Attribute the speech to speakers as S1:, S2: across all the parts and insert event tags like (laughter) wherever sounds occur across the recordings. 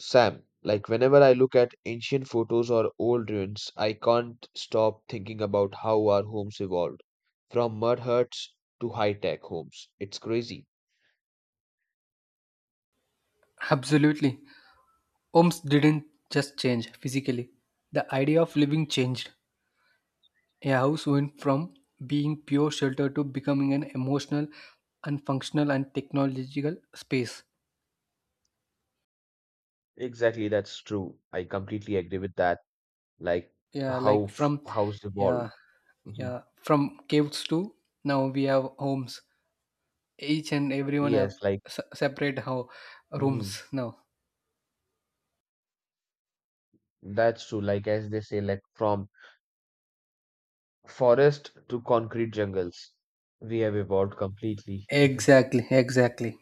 S1: Sam, like whenever I look at ancient photos or old ruins, I can't stop thinking about how our homes evolved from mud huts to high tech homes. It's crazy.
S2: Absolutely. Homes didn't just change physically. The idea of living changed. A house went from being pure shelter to becoming an emotional and functional and technological space.
S1: Exactly, that's true. I completely agree with that. Like
S2: Yeah, like, from
S1: house evolved.
S2: yeah,
S1: Mhm.
S2: yeah, from caves to now we have homes. Each and everyone
S1: Yes,
S2: have
S1: like
S2: separate how
S1: mhm.
S2: rooms now.
S1: That's true. Like as they say, like from forest to concrete jungles, we have evolved completely. (laughs)
S2: Exactly, exactly.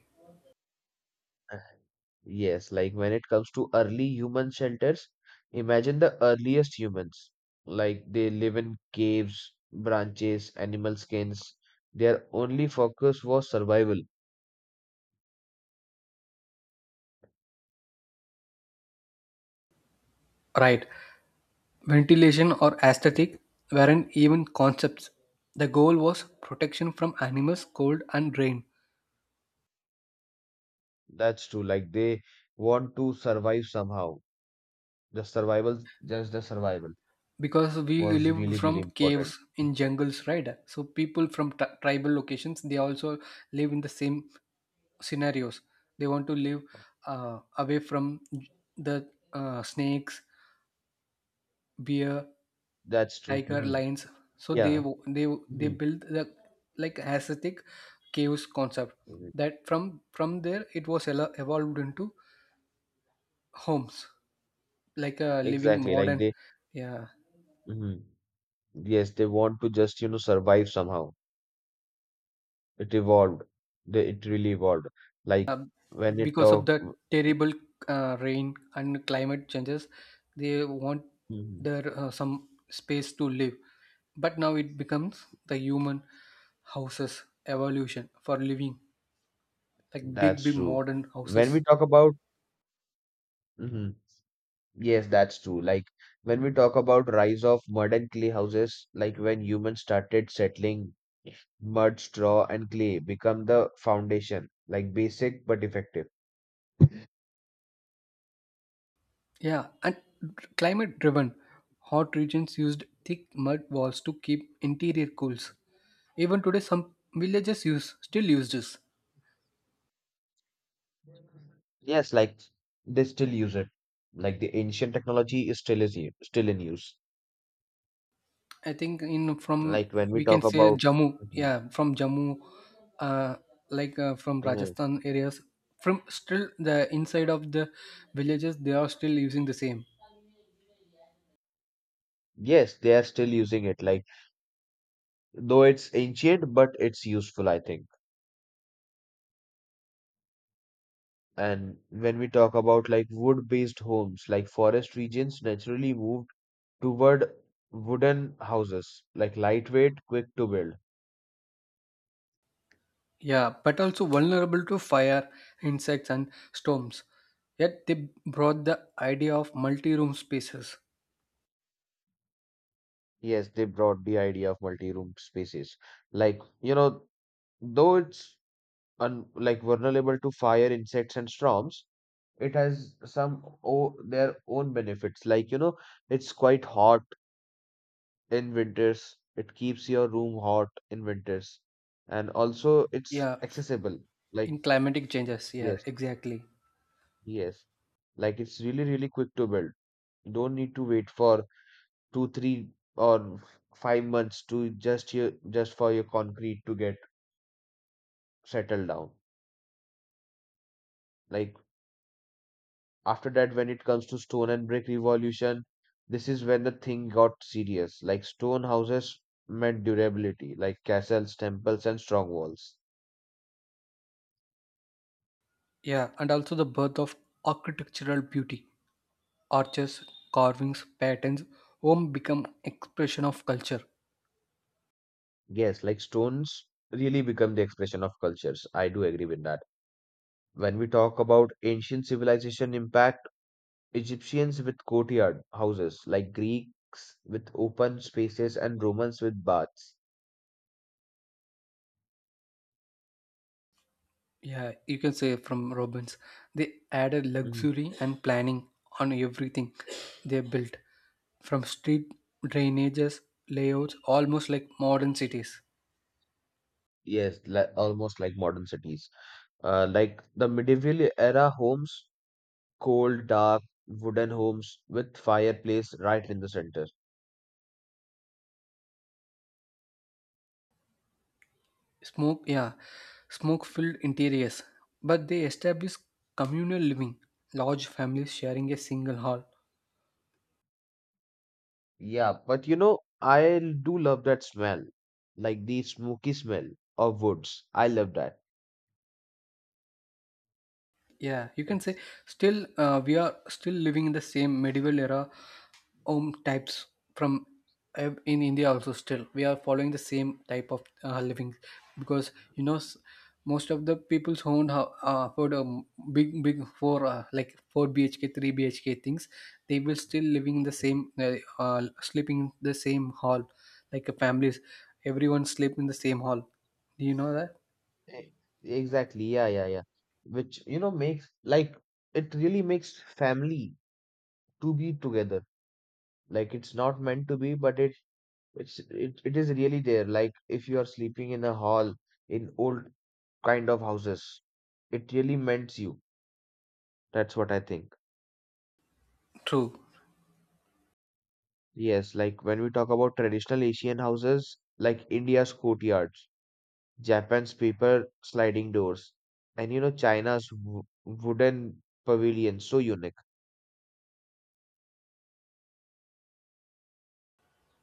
S1: Yes, like when it comes to early human shelters, imagine the earliest humans. Like they live in caves, branches, animal skins. Their only focus was survival.
S2: Right. Ventilation or aesthetic weren't even concepts. The goal was protection from animals, cold, and rain.
S1: That's true. Like they want to survive somehow. Just the survival
S2: Because we
S1: was
S2: lived
S1: really, really
S2: from
S1: important.
S2: caves in jungles, right? So people from tribal locations they also live in the same scenarios. They want to live away from the snakes, bear,
S1: That's true.
S2: tiger,
S1: Hmm.
S2: lions. So
S1: Yeah.
S2: they they
S1: Hmm.
S2: build the like aesthetic caves concept that from there it was evolved into homes like living
S1: Exactly. Like
S2: modern.
S1: they,
S2: Yeah,
S1: hmm yes, they want to just survive somehow. It evolved. It really evolved. Like when it
S2: because of
S1: talk,
S2: the terrible rain and climate changes they want
S1: Mhm.
S2: their some space to live, but now it becomes the human houses evolution for living, like big
S1: That's
S2: big
S1: true.
S2: modern
S1: When we
S2: houses.
S1: talk about, Mhm. Yes, that's true. Like when we talk about rise of mud and clay houses, like when humans started settling, mud, straw, and clay become the foundation. Like basic but effective.
S2: Yeah, and climate driven hot regions used thick mud walls to keep interior cools. Even today some villages use still use this.
S1: Yes, like they still use it. Like the ancient technology is still in use.
S2: I think in from
S1: Like when we
S2: we can
S1: talk
S2: say
S1: about,
S2: Jammu,
S1: Mhm.
S2: yeah, from Jammu, uh, like from
S1: Uh,
S2: Rajasthan areas, from still the inside of the villages, they are still using the same.
S1: yes, they are still using it. Like though it's ancient, but it's useful, I think. And when we talk about like wood-based homes, like forest regions naturally moved toward wooden houses, like lightweight, quick to build.
S2: Yeah, but also vulnerable to fire, insects, and storms. Yet they brought the idea of multi-room spaces.
S1: Yes, they brought the idea of multi-room spaces. Like, you know, though it's un like vulnerable to fire, insects, and storms, it has some o their own benefits. Like, you know, it's quite hot in winters. It keeps your room hot in winters. And also it's
S2: Yeah,
S1: accessible. Like
S2: in climatic changes. Yeah,
S1: yes,
S2: exactly.
S1: yes. Like it's really, really quick to build. You don't need to wait for two, three or 5 months to just your just for your concrete to get settled down. Like after that, when it comes to stone and brick revolution, this is when the thing got serious. Like stone houses meant durability, like castles, temples, and strong walls.
S2: Yeah, and also the birth of architectural beauty. Arches, carvings, patterns, home become expression of culture.
S1: Yes, like stones really become the expression of cultures. I do agree with that. When we talk about ancient civilization impact, Egyptians with courtyard houses, like Greeks with open spaces, and Romans with baths.
S2: Yeah, you can say from Robbins. They added
S1: Mhm.
S2: luxury and planning on everything they built, from street drainages, layouts, almost like modern cities.
S1: Yes, almost like modern cities. Like the medieval era homes, cold, dark, wooden homes with fireplace right in the center.
S2: Smoke, yeah, smoke filled interiors. But they established communal living, large families sharing a single hall.
S1: Yeah, but you know, I do love that smell, like the smoky smell of woods. I love that.
S2: Yeah, you can say
S1: It's-
S2: still we are still living in the same medieval era home types from, in India also still we are following the same type of living. Because you know, most of the people's own for the big big four like four BHK three BHK things, they will still living in the same sleeping in the same hall like a families, everyone sleep in the same hall, do you know that?
S1: e- Exactly. Yeah, yeah, yeah. Which, you know, makes like it really makes family to be together. Like it's not meant to be, but it is really there. Like if you are sleeping in a hall in old kind of houses, it really mends you. That's what I think.
S2: True.
S1: Yes, like when we talk about traditional Asian houses, like India's courtyards, Japan's paper sliding doors, and you know China's w wooden pavilions, so unique.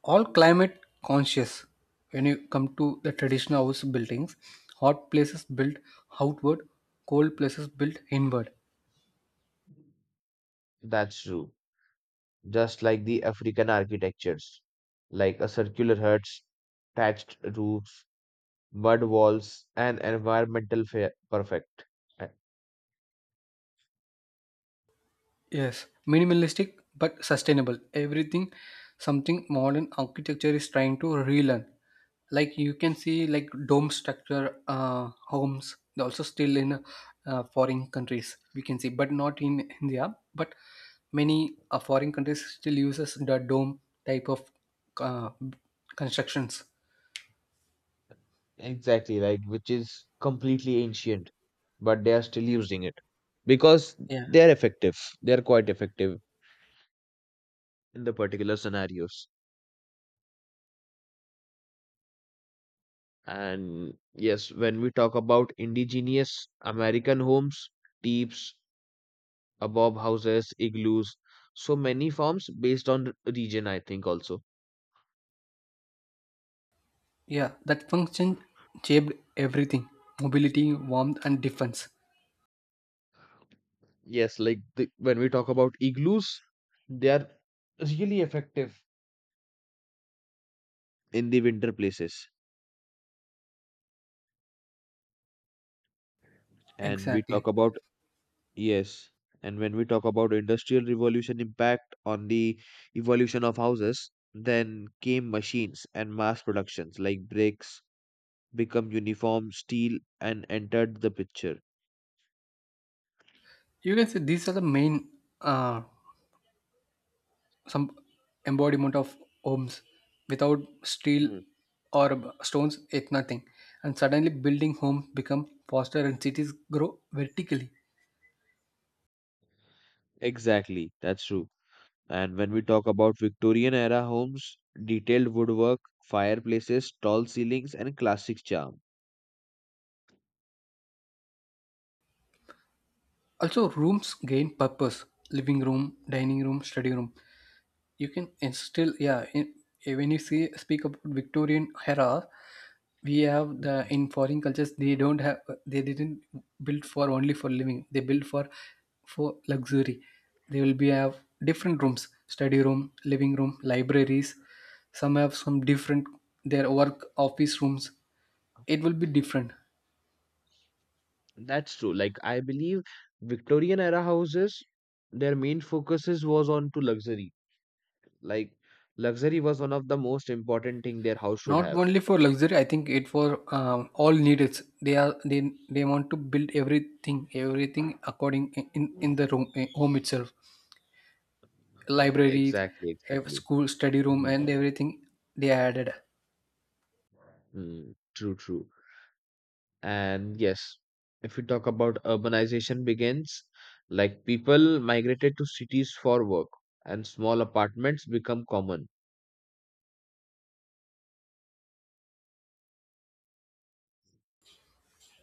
S2: All climate conscious. When you come to the traditional house buildings, hot places built outward, cold places built inward.
S1: That's true. Just like the African architectures, like a circular huts, thatched roofs, mud walls, and environmental perfect. Uh,
S2: Yes, minimalistic but sustainable. Everything, something modern architecture is trying to relearn. Like you can see, like dome structure homes. They're also still in foreign countries. We can see, but not in India. But many foreign countries still uses the dome type of uh, constructions.
S1: Exactly, like which is completely ancient, but they are still using it because
S2: Yeah,
S1: they are effective. They are quite effective in the particular scenarios. And yes, when we talk about indigenous American homes, tips, above houses, igloos. So many forms based on region, I think also.
S2: yeah. That function shaped everything: mobility, warmth, and defense.
S1: Yes, when we talk about igloos, they are really effective in the winter places. And we
S2: Exactly.
S1: talk about, yes, and when we talk about industrial revolution impact on the evolution of houses, then came machines and mass productions like bricks become uniform steel and entered the picture.
S2: You can say these are the main uh, some embodiment of homes without steel
S1: Mm,
S2: or stones. It's nothing. And suddenly building homes become faster and cities grow vertically.
S1: exactly, that's true. And when we talk about Victorian era homes, detailed woodwork, fireplaces, tall ceilings, and classic charm.
S2: Also rooms gain purpose: living room, dining room, study room. You can, it's still yeah in, when you see speak about Victorian era, we have the
S1: Mhm.
S2: in foreign cultures they don't have, they didn't build for only for living, they built for luxury. They will be have different rooms: study room, living room, libraries. Some have some different their work office rooms. It will be different.
S1: That's true. Like I believe Victorian era houses, their main focuses was on to luxury. Like luxury was one of the most important thing their house should
S2: Not
S1: have.
S2: only for luxury. I think it for all needs. They are they want to build everything everything according in the room, home itself: library,
S1: Exactly, exactly.
S2: school study room,
S1: Mhm.
S2: and everything they added.
S1: Mm, true, true. And yes, if we talk about urbanization begins, like people migrated to cities for work and small apartments become common.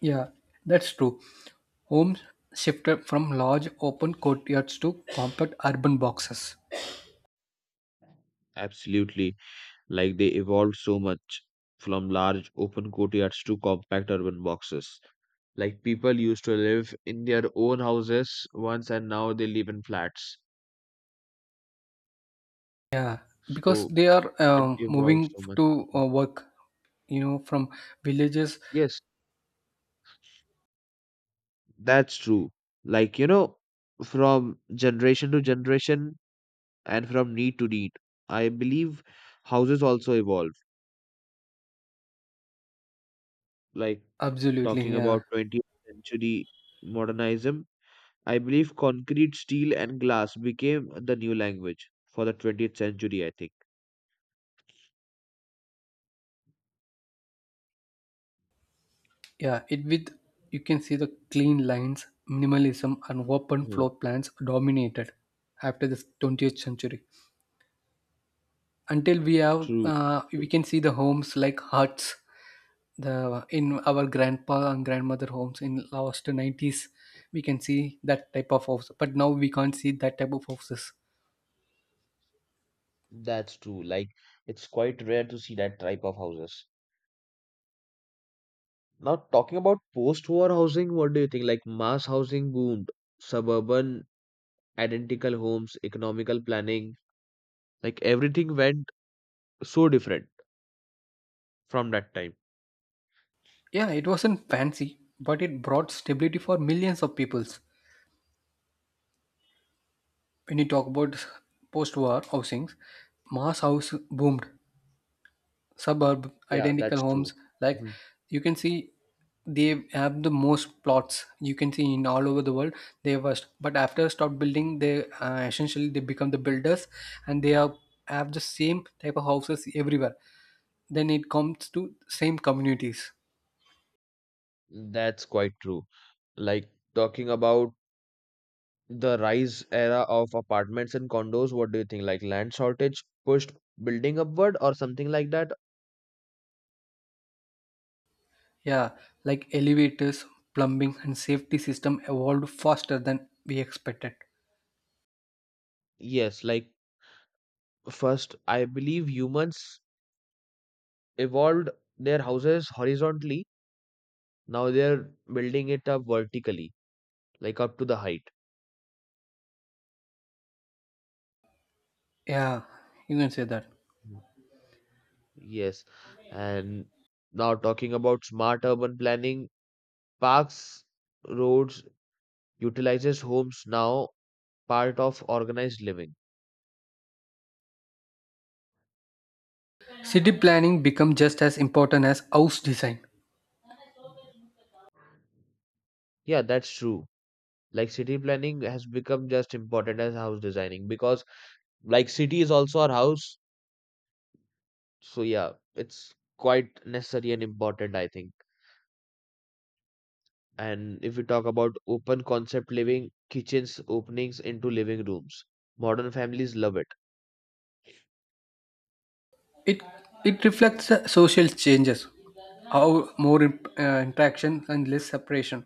S2: Yeah, that's true. Homes shifted from large open courtyards to compact urban boxes.
S1: Absolutely. Like they evolved so much from large open courtyards to compact urban boxes. Like people used to live in their own houses once and now they live in flats.
S2: Yeah, because
S1: So
S2: they are
S1: it evolved
S2: moving
S1: so much.
S2: to
S1: Mhm.
S2: work, you know, from villages.
S1: Yes, that's true. Like, you know, from generation to generation, and from need to need. I believe houses also evolve. Like
S2: Absolutely,
S1: talking
S2: yeah.
S1: about 20th century modernism, I believe concrete, steel, and glass became the new language for the 20th century, I think.
S2: Yeah, it with you can see the clean lines, minimalism, and open
S1: Mhm.
S2: floor plans dominated after the 20th century. Until we have,
S1: True,
S2: we
S1: true.
S2: can see the homes like huts. The In our grandpa and grandmother homes in last 90s, we can see that type of house. But now we can't see that type of houses.
S1: That's true. Like it's quite rare to see that type of houses. Now talking about post-war housing, what do you think? Like mass housing boomed, suburban identical homes, economical planning, like everything went so different from that time.
S2: Yeah, it wasn't fancy, but it brought stability for millions of peoples. When you talk about post-war housings, mass house boomed, suburb
S1: Yeah,
S2: identical
S1: that's true.
S2: homes, like
S1: Mhm.
S2: you can see they have the most plots you can see in all over the world. They first but after stop building, they essentially they become the builders and they have the same type of houses everywhere. Then it comes to same communities.
S1: That's quite true. Like talking about the rise era of apartments and condos, what do you think? Like land shortage pushed building upward or something like that?
S2: Yeah, like elevators, plumbing, and safety system evolved faster than we expected.
S1: Yes, like first, I believe humans evolved their houses horizontally. Now they're building it up vertically, like up to the height.
S2: Yeah, you can say that
S1: Mm. Yes. And now talking about smart urban planning, parks, roads utilizes homes now part of organized living.
S2: city planning become just as important as house design.
S1: Yeah, that's true. Like city planning has become just important as house designing because like city is also our house. So yeah, it's quite necessary and important, I think. And if we talk about open concept living, kitchens openings into living rooms. Modern families love it.
S2: It it reflects the social changes, how more interaction and less separation.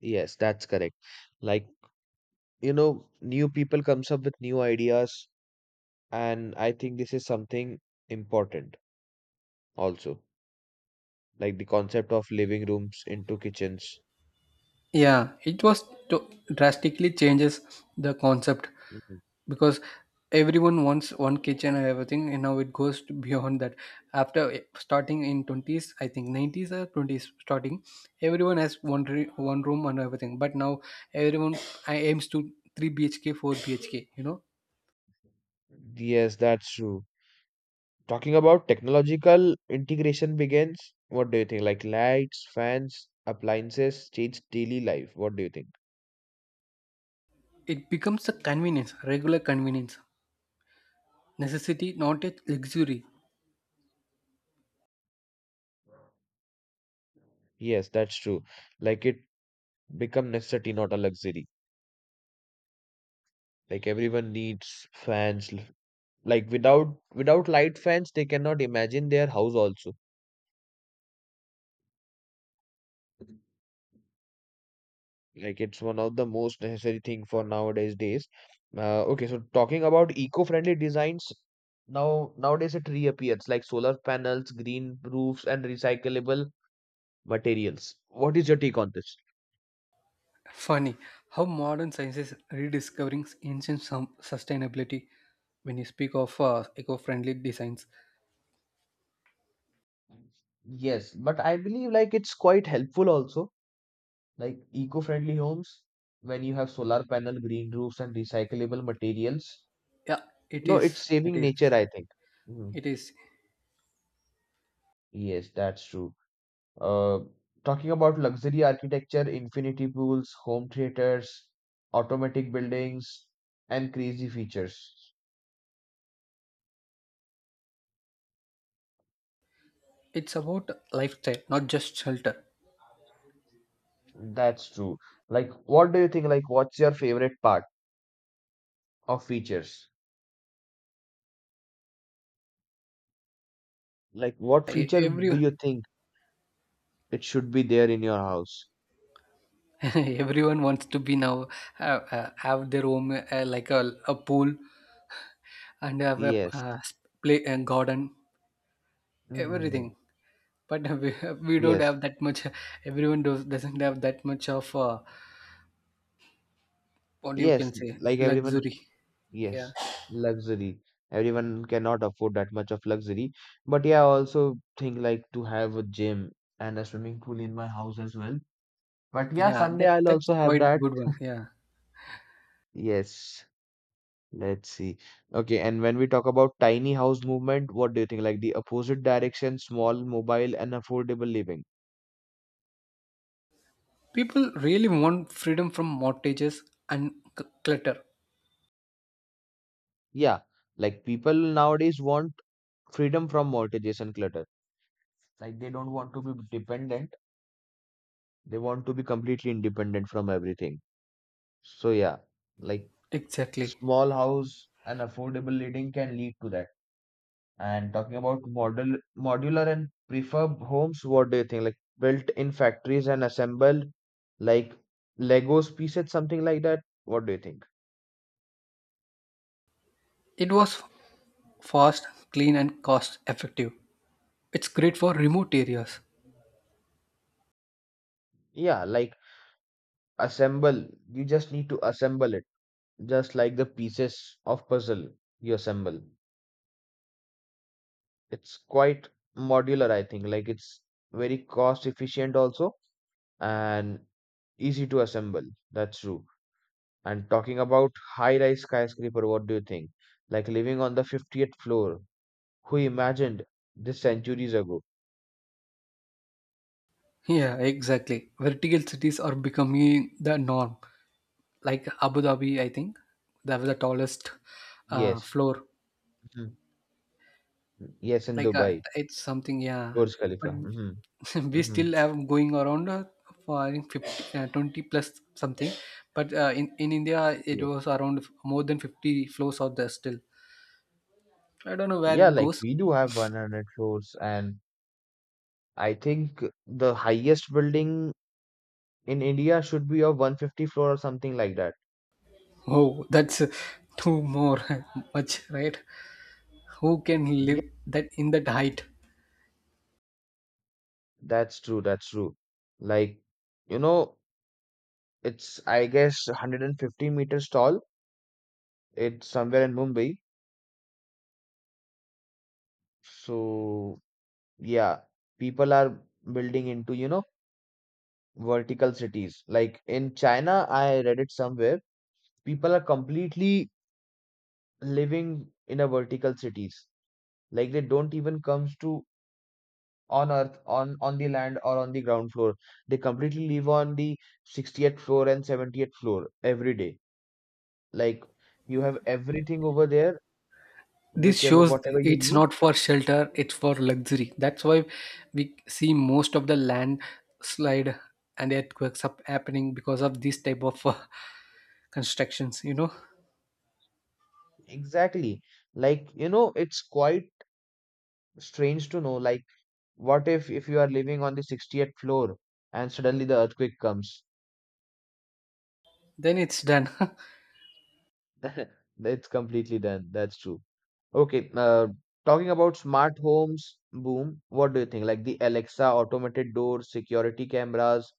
S1: Yes, that's correct. Like, you know, new people comes up with new ideas and I think this is something important also. Like the concept of living rooms into kitchens.
S2: Yeah, it was to- drastically changes the concept,
S1: Mhm.
S2: because everyone wants one kitchen and everything, and now it goes to beyond that. After starting in twenties, I think nineties or twenties starting, everyone has one room and everything. But now everyone aims to three BHK, four BHK. You know,
S1: Yes, that's true. Talking about technological integration begins, what do you think? Like lights, fans, appliances change daily life. What do you think?
S2: it becomes a convenience, regular convenience. Necessity, not a luxury.
S1: Yes, that's true. Like it become necessity, not a luxury. Like everyone needs Like without light fans, they cannot imagine their house also. Like it's one of the most necessary thing for nowadays days. Okay, so talking about eco-friendly designs, now nowadays it reappears like solar panels, green roofs, and recyclable materials. What is your take on this?
S2: Funny how modern science is rediscovering ancient sustainability when you speak of eco-friendly designs.
S1: Yes, but I believe like it's quite helpful also, like eco-friendly homes when you have solar panel, green roofs, and recyclable materials.
S2: Yeah,
S1: You
S2: it
S1: know, it's
S2: is. It
S1: saving
S2: is.
S1: nature, I think. Mhm.
S2: It is.
S1: Yes, that's true. Uh, talking about luxury architecture, infinity pools, home theaters, automatic buildings, and crazy features.
S2: It's about lifestyle, not just shelter.
S1: That's true. Like, what do you think? Like, what's your favorite part of features? Like, what feature
S2: Every
S1: do you think it should be there in your house?
S2: (laughs) everyone wants to be now have their own like a pool and have a
S1: Yes.
S2: play and garden, everything.
S1: Mm.
S2: But (laughs) we don't
S1: Yes.
S2: have that much. Everyone doesn't have that much of. What you
S1: Yes.
S2: can say?
S1: Like everyone,
S2: Luxury, yeah.
S1: yes, luxury. Everyone cannot afford that much of luxury. But yeah, I also think like to have a gym and a swimming pool in my house as well. But yeah,
S2: Yeah,
S1: someday
S2: that
S1: I'll
S2: that's
S1: also have
S2: quite
S1: that.
S2: good one, yeah.
S1: Yes, let's see. Okay, and when we talk about tiny house movement, what do you think? Like the opposite direction, small, mobile, and affordable living.
S2: People really want freedom from mortgages and clutter.
S1: Yeah, like people nowadays want freedom from mortgages and clutter. Like they don't want to be dependent, they want to be completely independent from everything. So yeah, like
S2: Exactly,
S1: small house and affordable living can lead to that. And talking about model modular and prefab homes, what do you think? Like built in factories and assembled like Legos pieces, something like that. What do you think?
S2: it was fast, clean, and cost effective. It's great for remote areas.
S1: Yeah, like assemble. You just need to assemble it, just like the pieces of puzzle you assemble. It's quite modular, I think. Like it's very cost efficient also and easy to assemble. That's true. And talking about high rise skyscraper, what do you think? Like living on the 50th floor, who imagined this centuries ago?
S2: Yeah, exactly. Vertical cities are becoming the norm. Like Abu Dhabi, I think that was the tallest
S1: Yes.
S2: floor.
S1: Mhm. Yes, in
S2: Like,
S1: Dubai,
S2: it's something, yeah.
S1: Burj
S2: But
S1: Khalifa. Hmm.
S2: (laughs) we
S1: Hmm.
S2: still have going around for I think 50, 20 plus something. But in India, it
S1: Yes.
S2: was around more than 50 floors out there still. I don't know where
S1: Yeah,
S2: it
S1: like
S2: goes.
S1: we do have 100 floors, and I think the highest building in India should be of 150 floor or something like that.
S2: Oh, that's (laughs) too more (laughs) much, right? Who can
S1: Yeah,
S2: live that in that height?
S1: that's true. That's true. Like, you know, it's, I guess, 150 meters tall. It's somewhere in Mumbai. So yeah, people are building into, you know, vertical cities. Like in China, I read it somewhere, people are completely living in a vertical cities. Like they don't even comes to on earth, on the land or on the ground floor. They completely live on the 60th floor and 70th floor every day. Like you have everything over there,
S2: This
S1: whichever
S2: shows
S1: whatever you
S2: it's
S1: need.
S2: not for shelter, it's for luxury. That's why we see most of the landslide and earthquakes up happening because of this type of constructions, you know.
S1: Exactly. Like, you know, it's quite strange to know like what if you are living on the 60th floor and suddenly the earthquake comes?
S2: Then it's done. (laughs)
S1: (laughs) It's completely done. That's true. Okay, talking about smart homes boom, what do you think? Like the Alexa, automated doors, security cameras,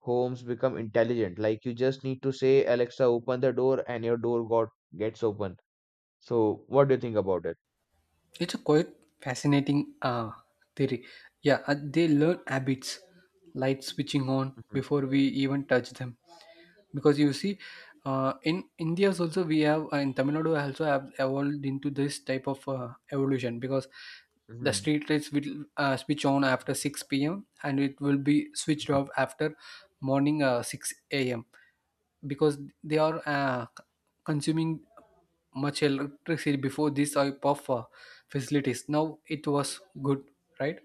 S1: homes become intelligent. Like you just need to say, Alexa, open the door, and your door got gets open. So, what do you think about it?
S2: It's a quite fascinating theory. Yeah, they learn habits, light switching on
S1: Mhm,
S2: before we even touch them. Because you see, in India also we have, in Tamil Nadu also have evolved into this type of evolution, because the
S1: mhm,
S2: street lights will switch on after 6 p.m and it will be switched off
S1: mhm.
S2: after morning 6 a.m, because they are consuming much electricity. Before this type of facilities, now it was good, right?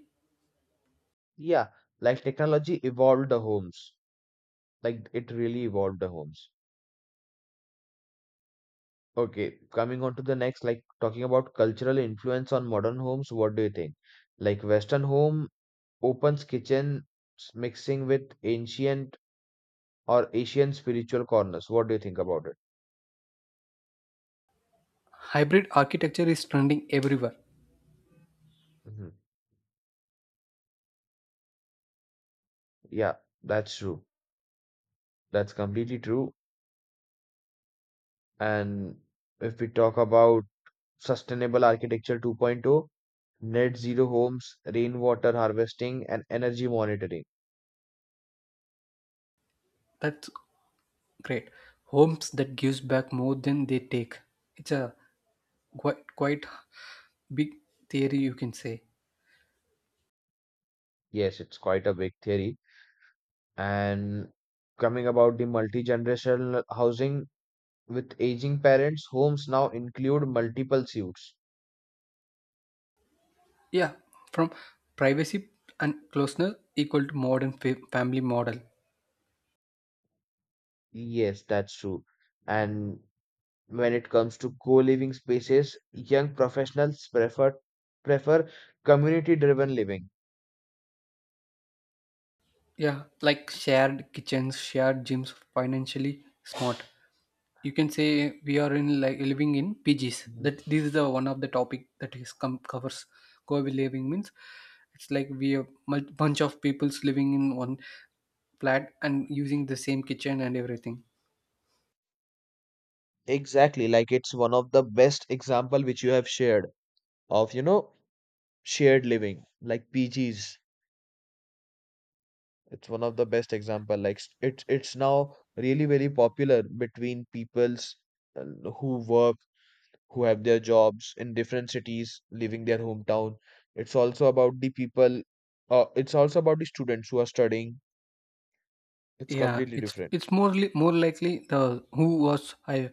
S1: Yeah, like technology evolved the homes. Like it really evolved the homes. Okay, coming on to the next, like talking about cultural influence on modern homes, what do you think? Like Western home opens kitchen mixing with ancient or Asian spiritual corners. What do you think about it?
S2: Hybrid architecture is trending everywhere.
S1: hmm Yeah, that's true. That's completely true. And if we talk about sustainable architecture 2.0, net zero homes, rainwater harvesting, and energy monitoring.
S2: That's great, homes that gives back more than they take. It's a quite big theory, you can say.
S1: Yes, it's quite a big theory. And coming about the multi-generational housing with aging parents, homes now include multiple suites.
S2: Yeah, from privacy and closeness equal to modern family model.
S1: Yes, that's true. And when it comes to co-living spaces, young professionals prefer community-driven living.
S2: Yeah, like shared kitchens, shared gyms, financially smart. You can say we are in like living in PGs.
S1: Mhm.
S2: That This is the one of the topic that is covers co-living. Means it's like we bunch of people's living in one flat and using the same kitchen and everything.
S1: Exactly, like it's one of the best example which you have shared of, you know, shared living, like PGs. It's one of the best example. It's now really very popular between peoples, uh, who work, who have their jobs in different cities, leaving their hometown. It's also about the people. It's also about the students who are studying. It's
S2: Yeah,
S1: completely
S2: it's
S1: different.
S2: it's more more likely the who was I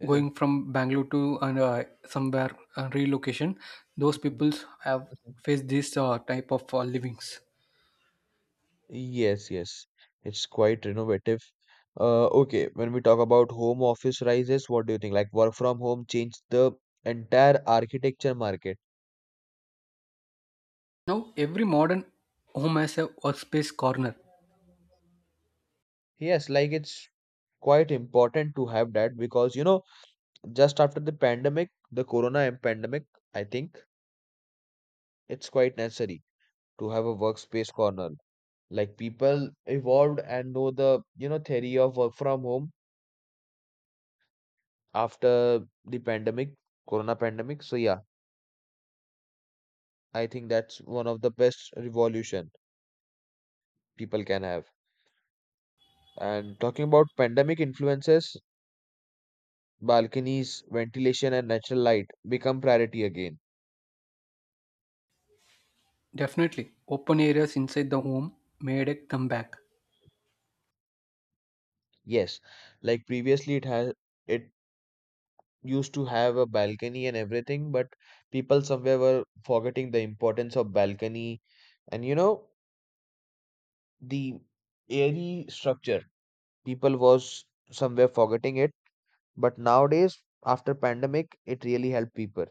S1: Mhm,
S2: going from Bangalore to and somewhere relocation. Those
S1: mhm,
S2: peoples have
S1: mhm.
S2: faced this type of livings.
S1: Yes, yes. It's quite innovative. Okay, when we talk about home office rises, what do you think? Like work from home changed the entire architecture market.
S2: Now every modern home has a workspace corner.
S1: Yes, like it's quite important to have that, because you know, just after the pandemic, the corona and pandemic, I think it's quite necessary to have a workspace corner. Like people evolved and know the, you know, theory of work from home after the pandemic, corona pandemic. So yeah, I think that's one of the best revolution people can have. And talking about pandemic influences, balconies, ventilation, and natural light become priority again.
S2: Definitely. Open areas inside the home made a comeback.
S1: Yes, like previously it has, it used to have a balcony and everything, but people somewhere were forgetting the importance of balcony and, you know, the airy structure. People was somewhere forgetting it, but nowadays after pandemic, it really helped people.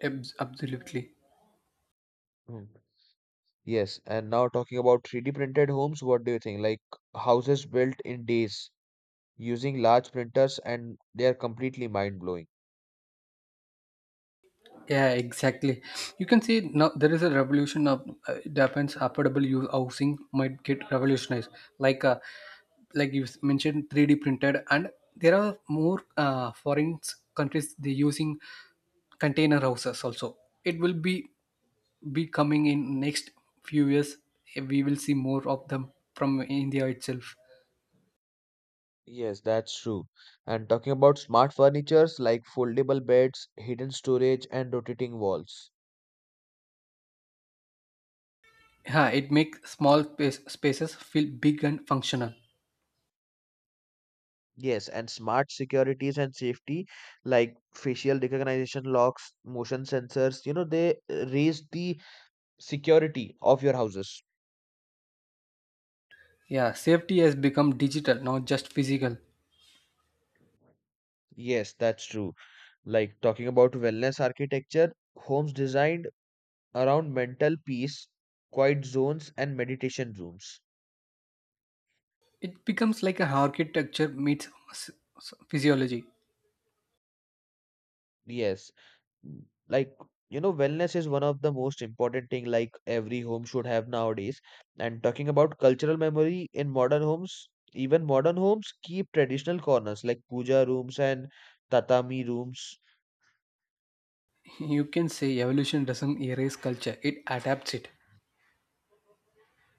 S2: Absolutely.
S1: Mm. Yes, and now talking about 3D printed homes, what do you think? Like houses built in days using large printers, and they are completely mind blowing.
S2: Yeah, exactly. You can see now there is a revolution of it happens. Affordable use housing might get revolutionized. Like uh, like you mentioned, 3D printed, and there are more foreign countries they using container houses also. It will be coming in next few years. We will see more of them from India itself.
S1: Yes, that's true. And talking about smart furnitures like foldable beds, hidden storage, and rotating walls.
S2: Yeah, it makes spaces feel big and functional.
S1: Yes, and smart securities and safety like facial recognition locks, motion sensors, you know, they raise the security of your houses.
S2: Yeah, safety has become digital, not just physical.
S1: Yes, that's true. Like talking about wellness architecture, homes designed around mental peace, quiet zones, and meditation rooms.
S2: It becomes like a architecture meets physiology.
S1: Yes, Mm, like, you know, wellness is one of the most important thing like every home should have nowadays. And talking about cultural memory in modern homes, even modern homes keep traditional corners like puja rooms and tatami rooms.
S2: (laughs) You can say evolution doesn't erase culture, it adapts it.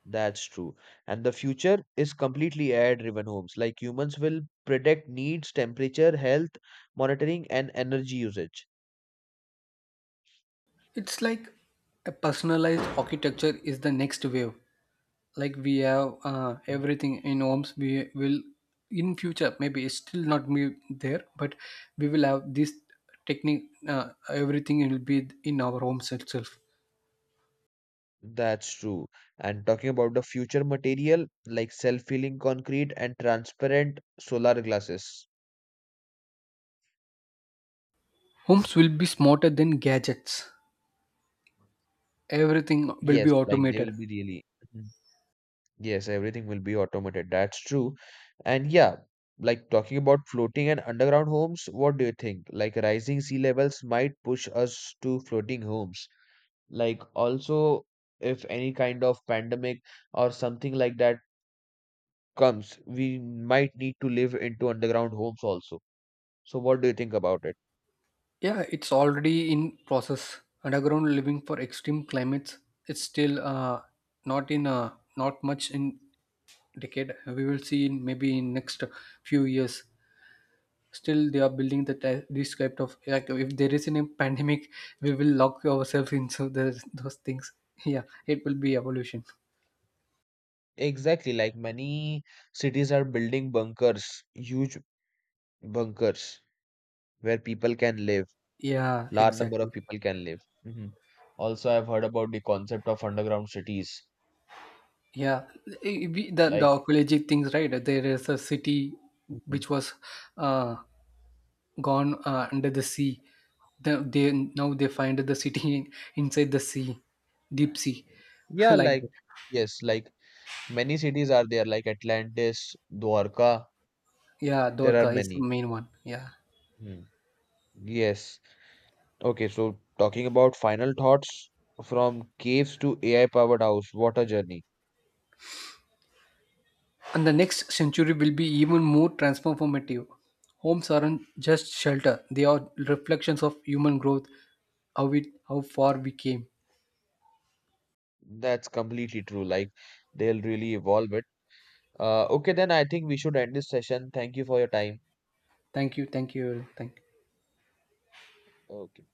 S1: That's true. And the future is completely air driven homes, like humans will predict needs, temperature, health monitoring, and energy usage.
S2: It's like a personalized architecture is the next wave. Like we have everything in homes, we will in future maybe it's still not be there, but we will have this technique. Everything will be in our homes itself.
S1: That's true. And talking about the future material like self-healing concrete and transparent solar glasses.
S2: Homes will be smarter than gadgets. Everything will be
S1: Yes, like they
S2: automated.
S1: will be really, Mhm, yes, everything will be automated. That's true. And yeah, like talking about floating and underground homes, what do you think? Like rising sea levels might push us to floating homes. Like also, if any kind of pandemic or something like that comes, we might need to live into underground homes also. So what do you think about it?
S2: Yeah, it's already in process. Underground living for extreme climates. It's still not in not much in decade. We will see in maybe in next few years. Still, they are building the this type of like if there is any pandemic, we will lock ourselves into those things. (laughs) Yeah, it will be evolution.
S1: Exactly, like many cities are building bunkers, huge bunkers where people can live,
S2: Yeah,
S1: large number
S2: exactly.
S1: of people can live. Hmm. Also, I've heard about the concept of underground cities.
S2: Yeah, the
S1: Like,
S2: archaeological things, right? There is a city
S1: Mhm,
S2: which was uh, gone under the sea. They now they find the city (laughs) inside the sea, deep sea, (laughs)
S1: yeah,
S2: like that.
S1: like, yes, like many cities are there, like Atlantis, Dwarka,
S2: Yeah,
S1: there are
S2: Dorka is the
S1: many.
S2: main one. Yeah,
S1: Mm. Yes. Okay, so talking about final thoughts, from caves to AI powered house, what a journey.
S2: and the next century will be even more transformative. Homes aren't just shelter; they are reflections of human growth, how far we came.
S1: That's completely true. Like, they'll really evolve it. Okay, then I think we should end this session. Thank you for your time.
S2: Thank you, thank you, thank.
S1: Okay.